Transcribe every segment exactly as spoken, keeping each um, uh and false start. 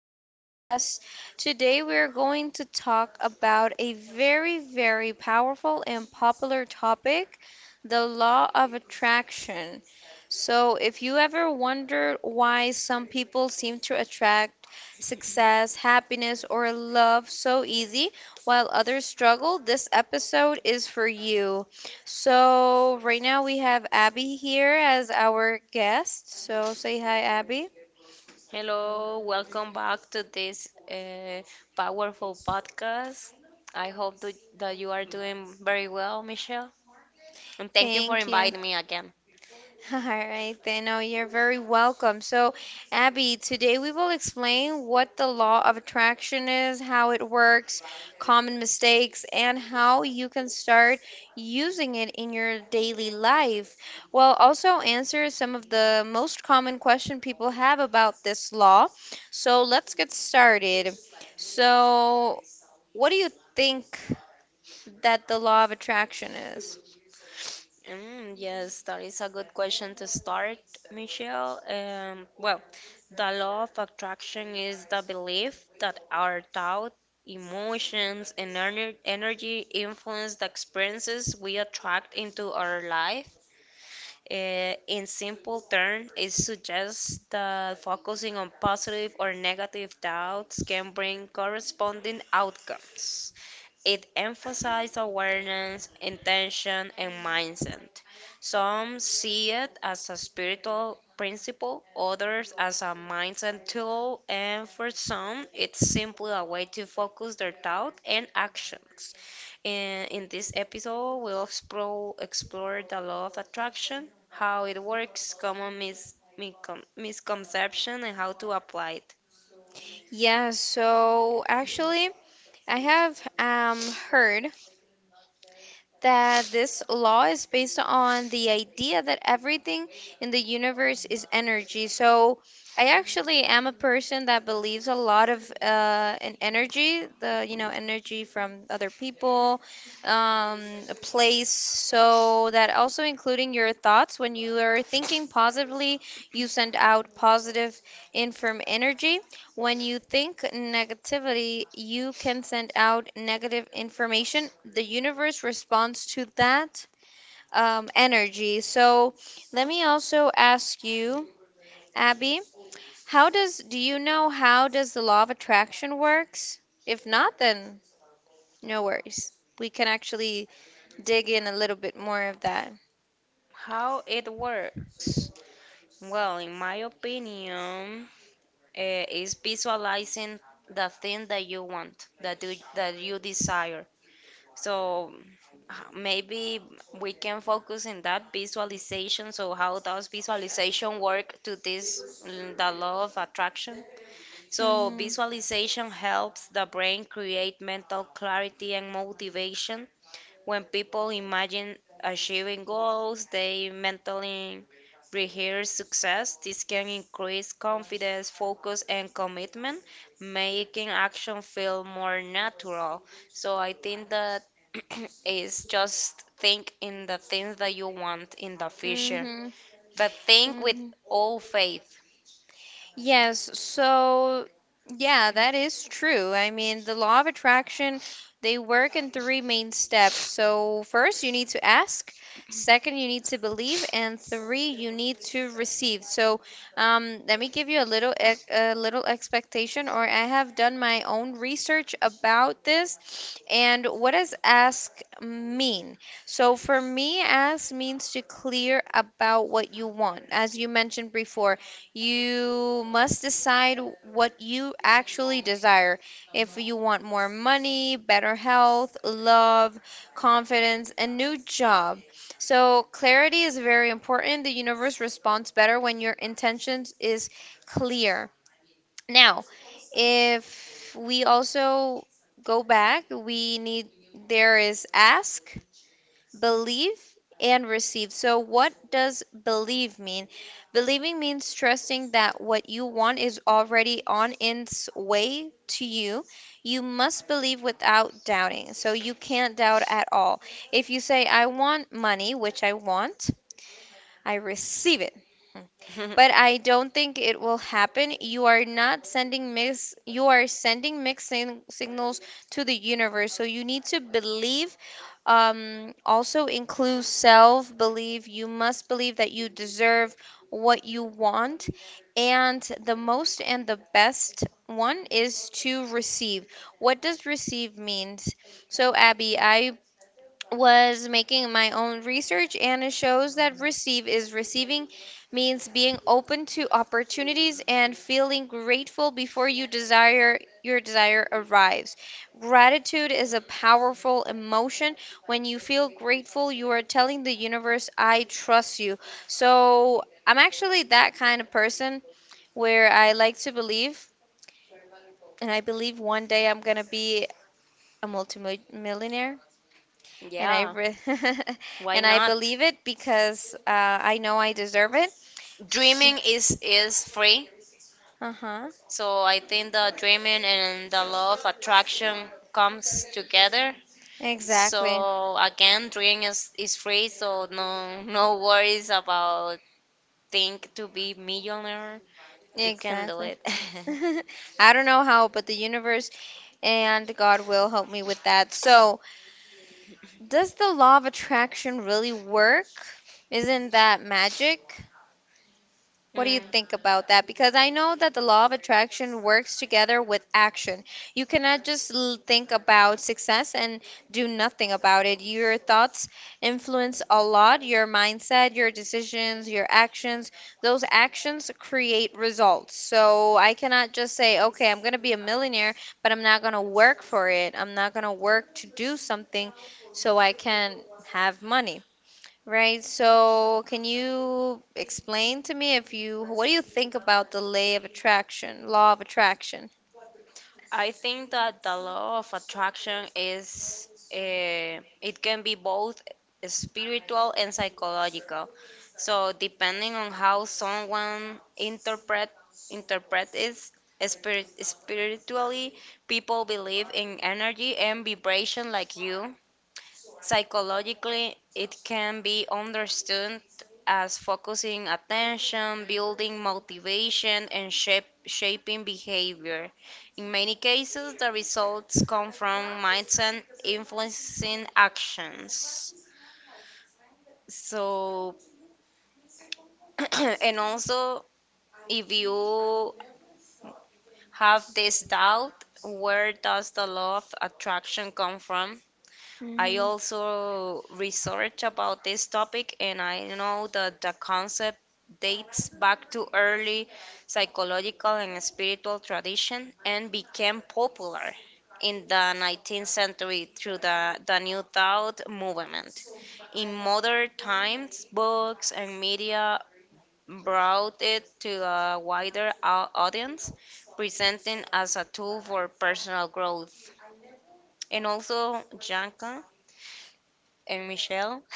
to the podcast. Today we are going to talk about a very, very powerful and popular topic, the law of attraction. So, if you ever wondered why some people seem to attract success, happiness, or love so easy while others struggle, this episode is for you. So right now we have Abby here as our guest. So say hi, Abby. Hello, welcome back to this uh, powerful podcast. I hope that that you are doing very well, Michelle. And thank you for Thank you. inviting me again. All right, then. Oh, you're very welcome. So, Abby, today we will explain what the law of attraction is, how it works, common mistakes, and how you can start using it in your daily life. We'll also answer some of the most common question people have about this law. So, let's get started. So, what do you think that the law of attraction is? Mm, yes, that is a good question to start, Michelle. Um, well, the law of attraction is the belief that our thought, emotions, and ener- energy influence the experiences we attract into our life. Uh, in simple terms, it suggests that focusing on positive or negative thoughts can bring corresponding outcomes. It emphasizes awareness, intention, and mindset. Some see it as a spiritual principle, others as a mindset tool, and for some, it's simply a way to focus their thought and actions. In, in this episode, we'll explore, explore the law of attraction, how it works, common mis, miscon, misconception, and how to apply it. Yeah, so actually, I have um, heard that this law is based on the idea that everything in the universe is energy. So I actually am a person that believes a lot of uh, in energy, the you know energy from other people, um, a place. So that also including your thoughts. When you are thinking positively, you send out positive inform energy. When you think negativity, you can send out negative information. The universe responds to that um, energy. So let me also ask you, Abby, how does do you know how does the law of attraction works? If not, then no worries. We can actually dig in a little bit more of that. How it works. Well, in my opinion, uh, is visualizing the thing that you want, that you, that you desire. So maybe we can focus in that visualization. So how does visualization work to this mm, the law of attraction? So hmm visualization helps the brain create mental clarity and motivation when people imagine achieving goals, they mentally rehearse success. This can increase confidence, focus, and commitment, making action feel more natural. So I think that is just think in the things that you want in the future, but think with hmm all faith. Yes, so yeah, that is true. I mean, the law of attraction, they work in three main steps. So, first, you need to ask, second, you need to believe, and three, you need to receive. So, um, let me give you a little ex- a little expectation, or I have done my own research about this. And what does ask mean? So, for me, ask means to clear about what you want. As you mentioned before, you must decide what you actually desire. If you want more money, better health, love, confidence, a new job. So clarity is very important. The universe responds better when your intentions is clear. Now, if we also go back, we need, there is ask, believe, and receive. So, what does believe mean? Believing means trusting that what you want is already on its way to you. You must believe without doubting. So, you can't doubt at all. If you say, I want money, which I want, I receive it. Hmm but I don't think it will happen. You are not sending mix you are sending mixed sing- signals to the universe. So you need to believe. Um also include self belief. You must believe that you deserve what you want. And the most, and the best one, is to receive. What does receive means? So Abby, I was making my own research, and it shows that receive is receiving, means being open to opportunities and feeling grateful before you desire your desire arrives. Gratitude is a powerful emotion. When you feel grateful, you are telling the universe, I trust you. So I'm actually that kind of person where I like to believe, and I believe one day I'm going to be a multimillionaire. and I Yeah, re- why and I not? believe it because uh, I know I deserve it. S- Dreaming is is free. Uh-huh. So I think the dreaming and the law of attraction comes together. Exactly. So again, dream is, is free, so no no worries about think to be millionaire. You can do Exactly. it. I don't know how, but the universe and God will help me with that. So, does the law of attraction really work? Isn't that magic? What do you Mm. think about that? Because I know that the law of attraction works together with action. You cannot just l- think about success and do nothing about it. Your thoughts influence a lot your mindset, your decisions, your actions. Those actions create results. So I cannot just say, okay, I'm going to be a millionaire, but I'm not going to work for it. I'm not going to work to do something so I can have money. Right, so can you explain to me if you what do you think about the lay of attraction, law of attraction? I think that the law of attraction is uh, it can be both spiritual and psychological. So depending on how someone interpret interpret it spirit, spiritually, people believe in energy and vibration like you. Psychologically, it can be understood as focusing attention, building motivation, and shape, shaping behavior. In many cases, the results come from mindset influencing actions. So, and also, if you have this doubt, where does the law of attraction come from? I also research about this topic and I know that the concept dates back to early psychological and spiritual tradition and became popular in the nineteenth century through the, the New Thought movement. In modern times, books and media brought it to a wider au- audience, presenting as a tool for personal growth. And also, Janka, and Michelle.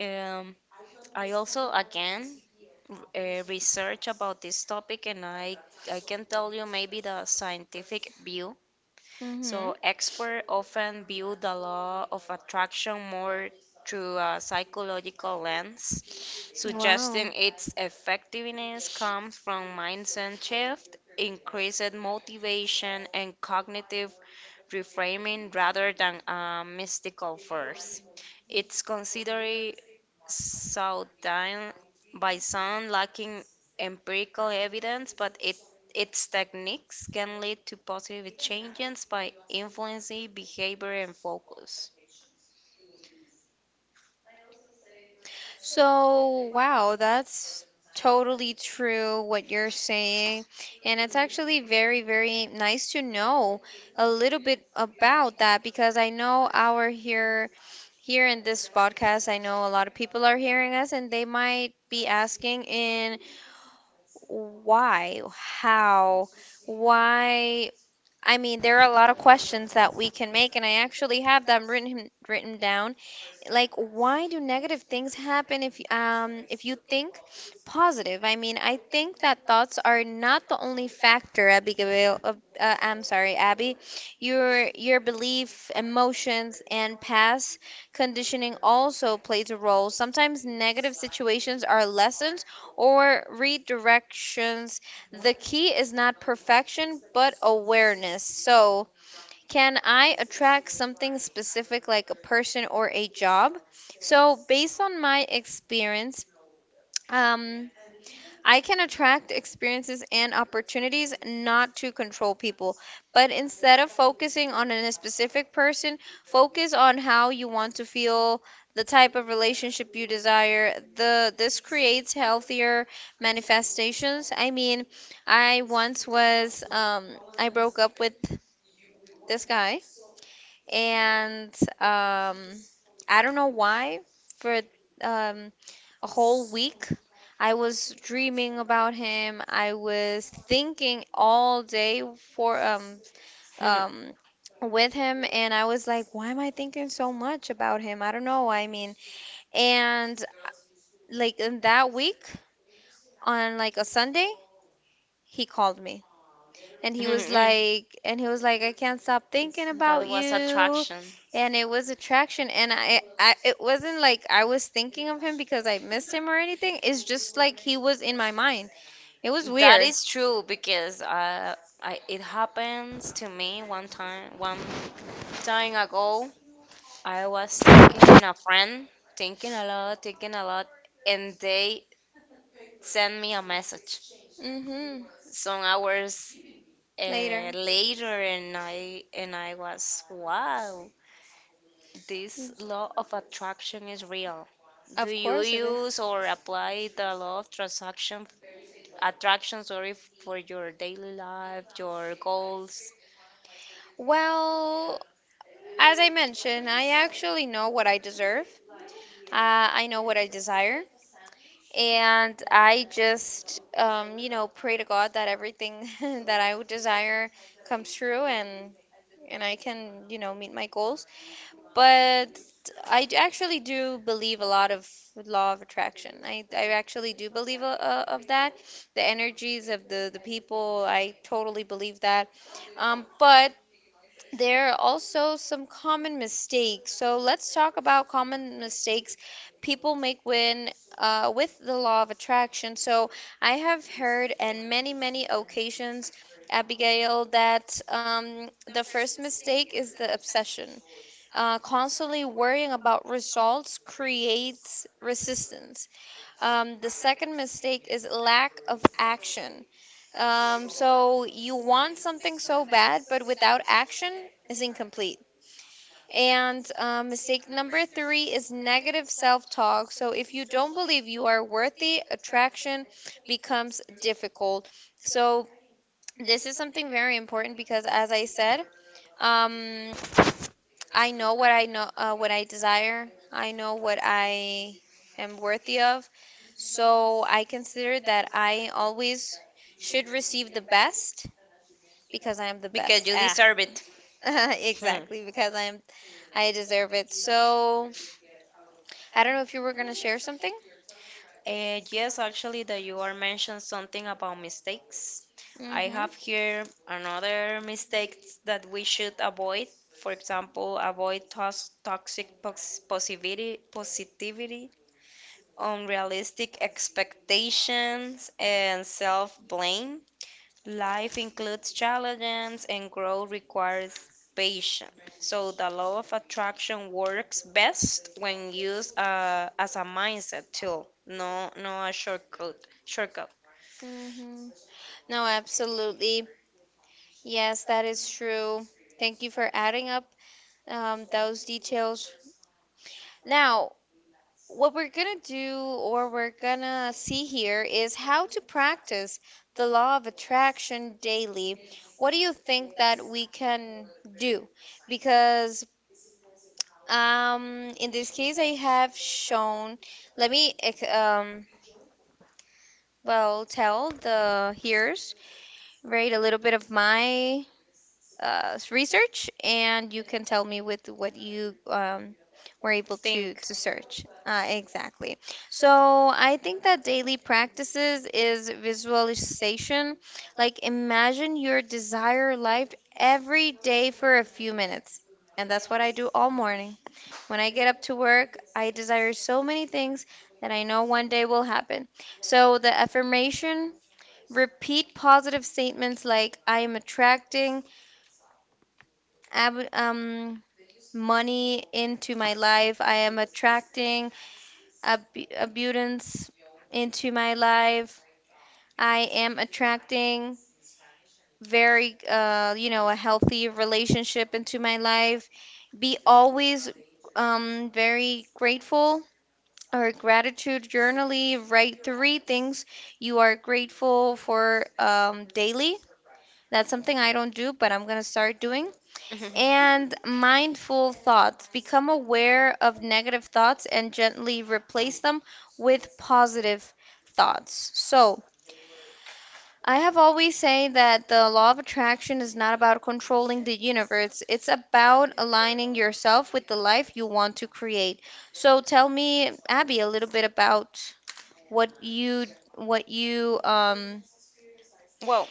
Um, I also again uh, research about this topic, and I I can tell you maybe the scientific view Mm-hmm. so experts often view the law of attraction more through a psychological lens, suggesting its effectiveness comes from mindset shift, increased motivation, and cognitive reframing rather than a mystical force. It's considered so down by some lacking empirical evidence, but it its techniques can lead to positive changes by influencing behavior and focus. So, wow, that's totally true what you're saying. And it's actually very, very nice to know a little bit about that, because I know our here here in this podcast, I know a lot of people are hearing us, and they might be asking in why, how, why. I mean, there are a lot of questions that we can make, and I actually have them written written down, like why do negative things happen if um if you think positive. I mean, I think that thoughts are not the only factor, abigail uh, uh, I'm sorry, Abby. Your your belief, emotions, and past conditioning also plays a role. Sometimes negative situations are lessons or redirections. The key is not perfection, but awareness. So, can I attract something specific like a person or a job? So, based on my experience, um, I can attract experiences and opportunities, not to control people. But instead of focusing on a specific person, focus on how you want to feel, the type of relationship you desire. The this creates healthier manifestations. I mean, I once was um, I broke up with this guy, and um, I don't know why, for um, a whole week I was dreaming about him. I was thinking all day for um That um with him, and I was like, why am I thinking so much about him? I don't know. I mean, and like in that week, on like a Sunday, he called me. And he was like, and he was like I can't stop thinking about was you. attraction. And it was attraction. And I, I It wasn't like I was thinking of him because I missed him or anything. It's just like he was in my mind. It was That weird. is true because uh, I, it happens to me one time. One time ago, I was thinking a friend, thinking a lot, thinking a lot, and they sent me a message Hmm. some hours uh, Later. later, and I and I was wow, this law of attraction is real? Do Of you course it is. use or apply the law of transaction attraction, sorry, for your daily life, your goals? Well, as I mentioned, I actually know what I deserve. Uh, I know what I desire. And I just, um, you know, pray to God that everything that I would desire comes true, and and I can, you know, meet my goals. But I d- actually do believe a lot of law of attraction. I, I actually do believe a, a, of that. The energies of the, the people, I totally believe that. Um, but there are also some common mistakes. So let's talk about common mistakes people make when uh, with the law of attraction. So I have heard on many, many occasions, Abigail, that um, the first mistake is the obsession. Uh, constantly worrying about results creates resistance. Um, the second mistake is lack of action. Um, so you want something so bad, but without action is incomplete. And uh, mistake number three is negative self talk. So if you don't believe you are worthy, attraction becomes difficult. So this is something very important because, as I said, um, I know what I know, uh, what I desire. I know what I am worthy of. So I consider that I always should receive the best, because I am the Because best. you Ah, deserve it. Hmm. exactly, because I am, I deserve it. So I don't know if you were gonna share something. Uh, yes, actually, that you are mentioned something about mistakes. I Mm-hmm. have here another mistakes that we should avoid. For example, avoid tos toxic pos positivity, positivity unrealistic expectations, and self blame. Life includes challenges, and growth requires patience. So, the law of attraction works best when used uh, as a mindset tool, no, no a shortcut. Shortcut. Mm-hmm. No, absolutely. Yes, that is true. Thank you for adding up um, those details. Now, what we're going to do, or we're going to see here, is how to practice the law of attraction daily. What do you think that we can do? Because um, in this case, I have shown, let me ex- um, well, tell the hearers, right, a little bit of my uh, research, and you can tell me with what you um, were able to Think. to search. Uh, exactly. So I think that daily practices is visualization. Like imagine your desire life every day for a few minutes, and that's what I do all morning. When I get up to work, I desire so many things that I know one day will happen. So the affirmation, repeat positive statements like, I am attracting ab- um, money into my life. I am attracting ab- abundance into my life. I am attracting very, uh, you know, a healthy relationship into my life. Be always um, very grateful, or gratitude journaling. Write three things you are grateful for um, daily. That's something I don't do, but I'm gonna start doing. And mindful thoughts. Become aware of negative thoughts and gently replace them with positive thoughts. So, I have always say that the law of attraction is not about controlling the universe. It's about aligning yourself with the life you want to create. So tell me, Abby, a little bit about what you what you um Well,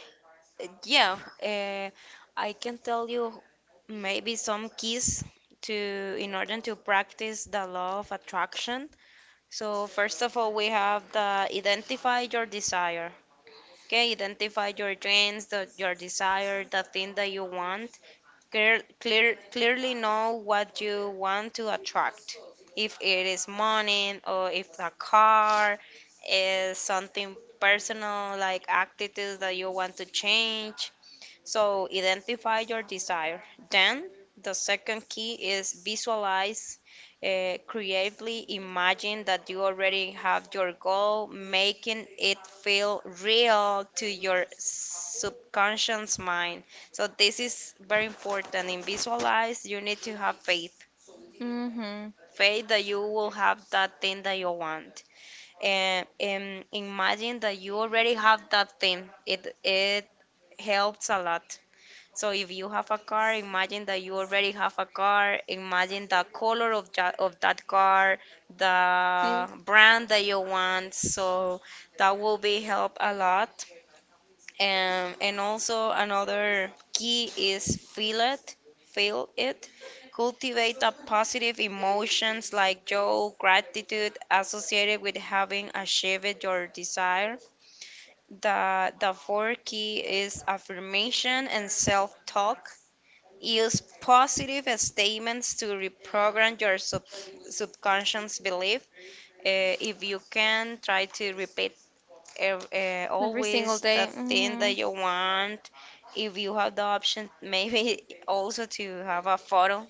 yeah, uh, I can tell you maybe some keys to in order to practice the law of attraction. So first of all, we have the identify your desire. Okay, identify your dreams, the, your desire, the thing that you want. Clear, clear, clearly know what you want to attract. If it is money or if the car is something personal like attitudes that you want to change so identify your desire. Then the second key is visualize uh, creatively. Imagine that you already have your goal, making it feel real to your subconscious mind. So this is very important. In visualize, you need to have faith. mhm. Faith that you will have that thing that you want. And, and imagine that you already have that thing. It it helps a lot. So if you have a car, imagine that you already have a car. Imagine the color of that of that car, Yeah, the brand that you want. So that will be help a lot. Um, and also another key is feel it, feel it. Cultivate the positive emotions like joy, gratitude associated with having achieved your desire. The the fourth key is affirmation and self-talk. Use positive statements to reprogram your sub- subconscious belief. Uh, if you can, try to repeat ev- uh, every single always the day. thing that Mhm. you want. If you have the option, maybe also to have a photo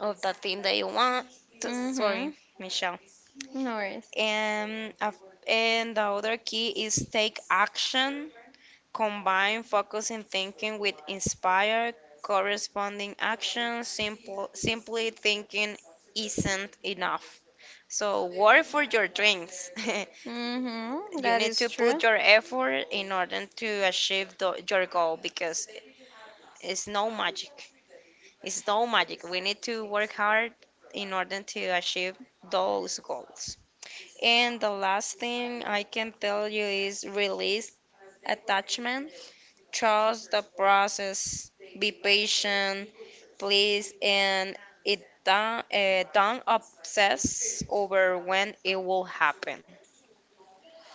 of the thing that you want. Mhm. Sorry, Michelle. No worries. And, a- and the other key is take action. Combine focus and thinking with inspire corresponding action. Simple, simply thinking isn't enough. So work for your dreams. Mm-hmm, You that need to is true. put your effort in order to achieve the, your goal because it's no magic. It's no magic. We need to work hard in order to achieve those goals. And the last thing I can tell you is release attachment. Trust the process, be patient, please, and it don't, uh, don't obsess over when it will happen.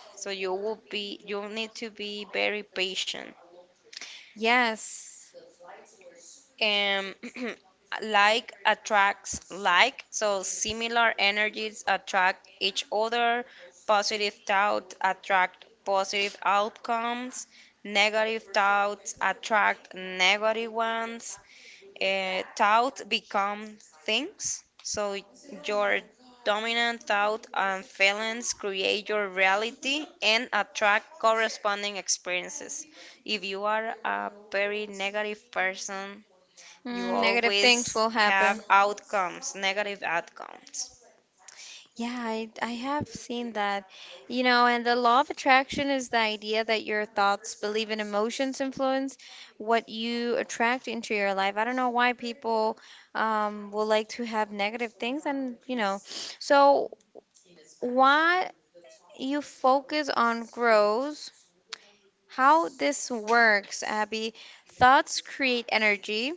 So you will be, you need to be very patient. Yes. And like attracts like, so similar energies attract each other. Positive thoughts attract positive outcomes. Negative thoughts attract negative ones. Uh, thought become things. So your dominant thought and feelings create your reality and attract corresponding experiences. If you are a very negative person, you Mm, negative things always will have happen. outcomes, negative outcomes. Yeah, I, I have seen that. You know, and the law of attraction is the idea that your thoughts, belief, and emotions influence what you attract into your life. I don't know why people um, will like to have negative things, and you know, so what you focus on grows. How this works, Abby, thoughts create energy,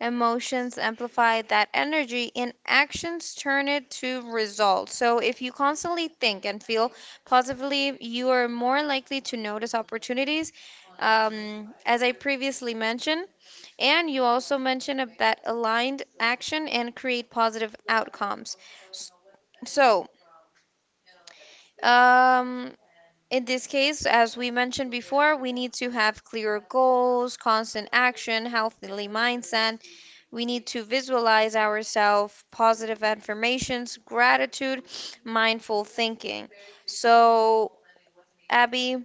emotions amplify that energy, and actions turn it to results. So, if you constantly think and feel positively, you are more likely to notice opportunities, um, as I previously mentioned. And you also mentioned of that aligned action and create positive outcomes. So, um, in this case, as we mentioned before, we need to have clear goals, constant action, healthy mindset. We need to visualize ourselves, positive affirmations, gratitude, mindful thinking. So, Abby,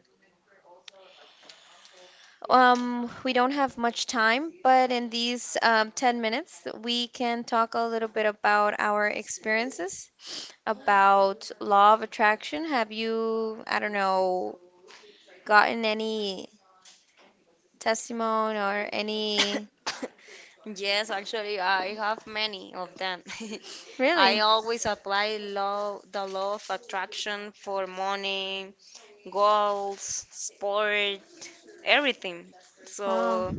um, we don't have much time, but in these um, ten minutes, we can talk a little bit about our experiences, about law of attraction. Have you, I don't know, gotten any testimony or any. Yes, actually, I have many of them. I Really? always apply law, the law of attraction for money, goals, sport, everything. Wow. So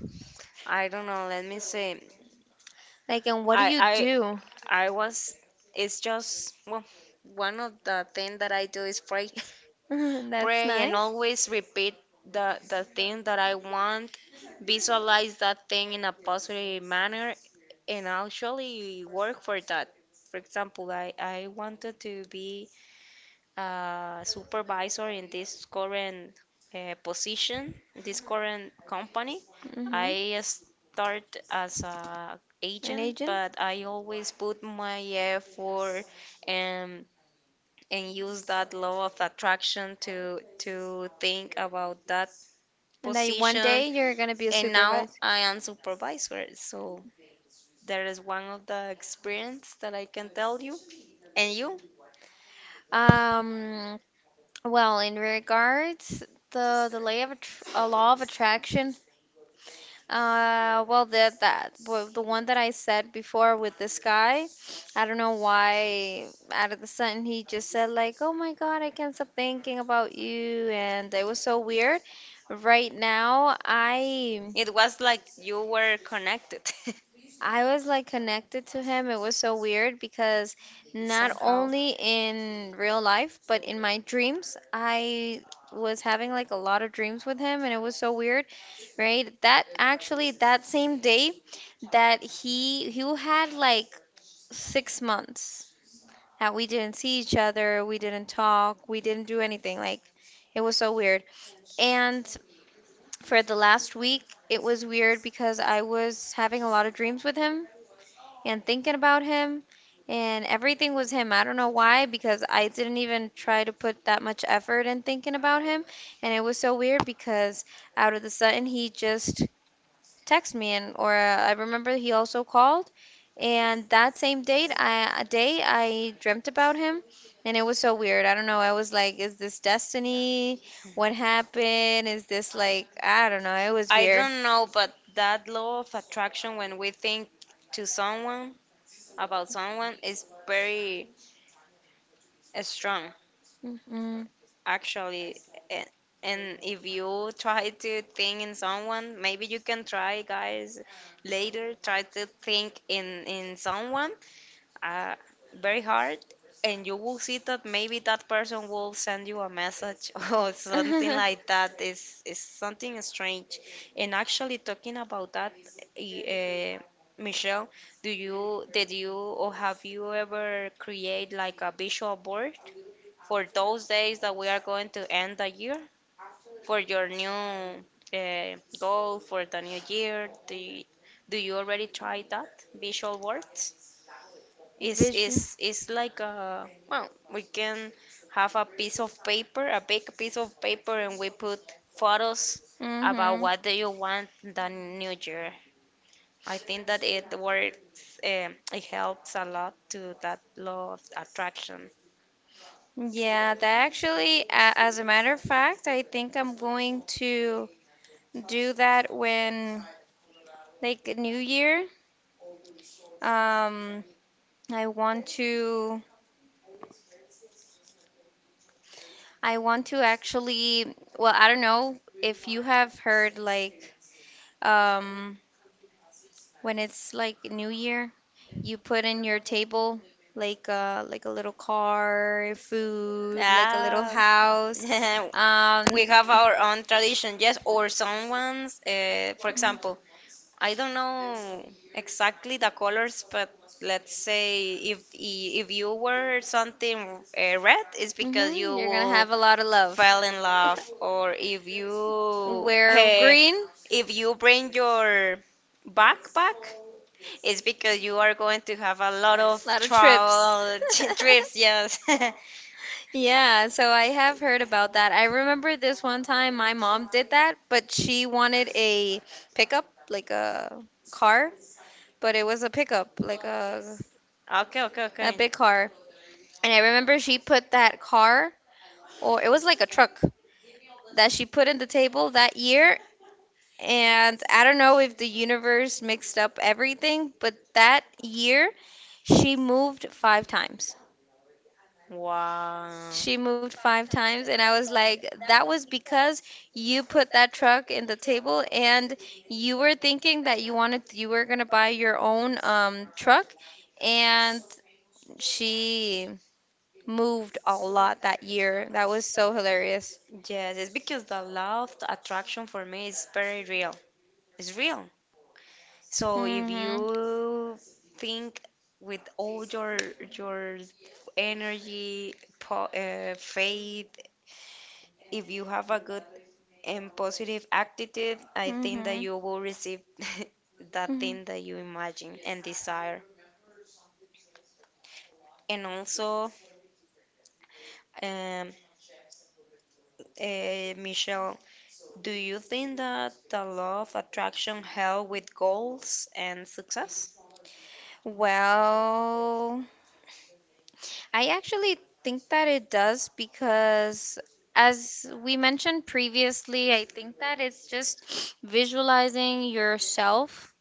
I don't know. Let me say, Like, and what do I you do? I I was. It's just well, one of the things that I do is pray, That's pray, and nice. always repeat the the thing that I want. Visualize that thing in a positive manner, and actually work for that. For example, I I wanted to be uh, supervisor in this current uh, position, this current company. Hmm. I start as a An agent, agent? but I always put my effort and and use that law of attraction to to think about that And that one position. day you're gonna be a And now supervisor. I am supervisor, so there is one of the experience that I can tell you. And you, Um, well, in regards the the lay of attr- a law of attraction. Uh, well, the that well, the one that I said before with this guy, I don't know why out of the sudden he just said like, "Oh my God, I can't stop thinking about you," and it was so weird. Right now, I it was like you were connected. I was like connected to him. It was so weird because not only in real life, but in my dreams, I was having like a lot of dreams with him and it was so weird, right? That actually that same day that he he had like six months that we didn't see each other, we didn't talk, we didn't do anything. Like it was so weird. And for the last week, it was weird because I was having a lot of dreams with him and thinking about him and everything was him. I don't know why because I didn't even try to put that much effort in thinking about him and it was so weird because out of the sudden he just texted me and or uh, I remember he also called and that same date I a day I dreamt about him and it was so weird. I don't know. I was like, is this destiny? What happened? Is this like, I don't know. It was I weird. don't know, but that law of attraction, when we think to someone about someone, is very uh, strong, Mm-mm. actually. A- And if you try to think in someone, maybe you can try, guys, later, try to think in in someone, uh, very hard and you will see that maybe that person will send you a message or something like that is is something strange and actually talking about that uh, Michelle, do you did you or have you ever create like a visual board for those days that we are going to end the year for your new uh, goal for the new year do you, do you already try that visual board? like it's, this. Visual. Is it's, about. it's like a, well, we can have a piece of paper, a big piece of paper, and we put photos about Mm-hmm. what do you want the new year. I think that it works, um, it helps a lot to that law of attraction. what Yeah, that actually, a- as a matter of fact, I think I'm going to do that when like New Year. Um, I want to, I want to actually, well, I don't know if you have heard like, um, when it's like New Year, you put in your table like a like a little car, food, like a little Ah, house. Um, we have our own tradition, yes, or someone's, uh, for example, I don't know exactly the colors, but let's say if if you wear something uh, red, it's because you mhm, you're gonna will have a lot of love. fell in love, or if you Wear eh, green, if you bring your backpack, it's because you are going to have a lot of a lot of trips. travel trips. Yes. Yeah, so I have heard about that. I remember this one time my mom did that, but she wanted a pickup, like a car, but it was a pickup, like a Okay. Okay. a Okay. big car. And I remember she put that car, or it was like a truck that she put in the table that year. And I don't know if the universe mixed up everything, but that year she moved five times. Wow. She moved five times and I was like, that was because you put that truck in the table and you were thinking that you wanted, you were going to buy your own um truck, and she moved a lot that year. That was so hilarious. Yes, it's because the law of the attraction for me is very real. It's real. So if Mhm. you think with all your your energy, po uh, faith, if you have a good and positive attitude, I think that Mhm. you will receive that Mhm. thing that you imagine and desire. And also, um, uh, Michelle, do you think that the law of attraction help with goals and success? Well, I actually think that it does because, as we mentioned previously, I think that it's just visualizing yourself,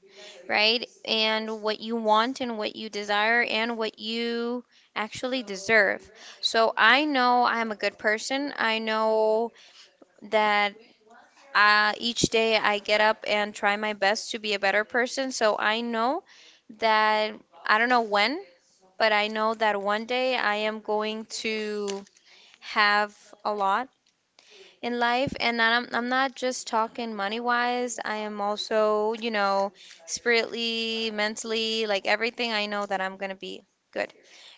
right? And what you want and what you desire and what you actually deserve. So I know I'm a good person. I know that uh, each day I get up and try my best to be a better person. So I know that, I don't know when, but I know that one day I am going to have a lot in life. And I'm, I'm not just talking money wise, I am also, you know, spiritually, mentally, like everything. I know that I'm going to be good,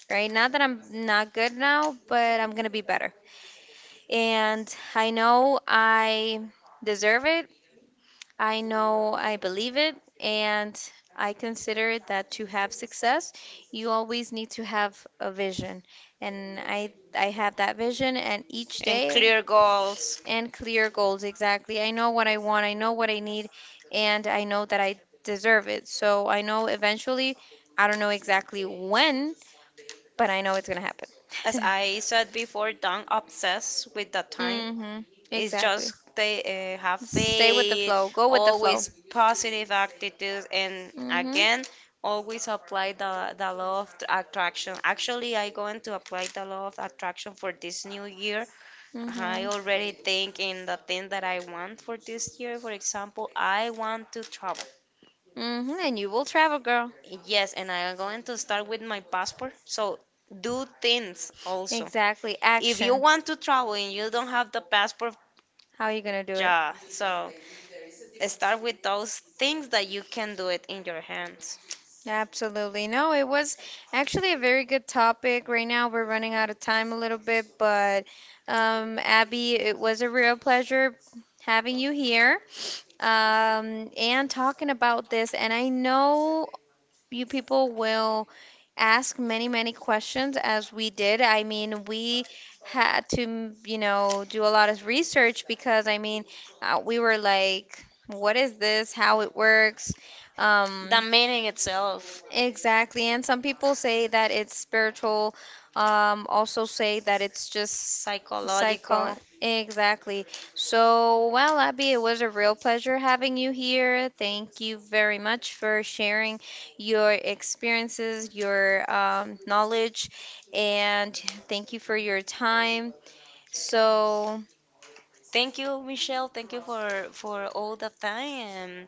right? Not that I'm not good now, but I'm going to be better. And I know I deserve it, I know I believe it, and I consider that to have success, you always need to have a vision. And I And I have that vision, and each day clear goals. and clear goals exactly. I know what I want, I know what I need, and I know that I deserve it. So I know eventually, I don't know exactly when, but I know it's gonna happen. As I said before, don't obsess with that time. Mhm. It's Exactly. just they uh, have Stay with the faith, flow. Go with the flow. always positive attitude, and Mhm. again, always apply the, the law of tr- attraction. Actually, I going to apply the law of attraction for this new year. I Mm-hmm. already think in the thing that I want for this year. For example, I want to travel. Mm-hmm. And you will travel, girl. Yes, and I'm going to start with my passport. So do things also. Exactly. If you Action. want to travel and you don't have the passport, How are you gonna do it? yeah. So start with those things that you can do it in your hands. Absolutely. No, it was actually a very good topic. Right now, we're running out of time a little bit, but um, Abby, it was a real pleasure having you here, um, and talking about this. And I know you people will ask many, many questions as we did. I mean, we had to, you know, do a lot of research because, I mean, uh, we were like, what is this? How it works? The Um, meaning itself, exactly. And some people say that it's spiritual, um, also say that it's just cycle, psychological. exactly. So, well, Abby, it was a real pleasure having you here. Thank you very much for sharing your experiences, your um, knowledge, and thank you for your time. So, Thank you, Michelle. Thank you for for all the time. And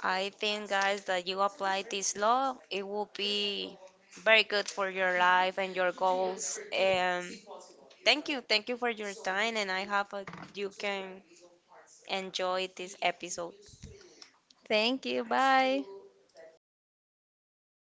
I think, guys, that you apply this law, it will be very good for your life and your goals. Um, Thank you. Thank you for your time and I hope uh, you can enjoy this episode. thank you. Bye.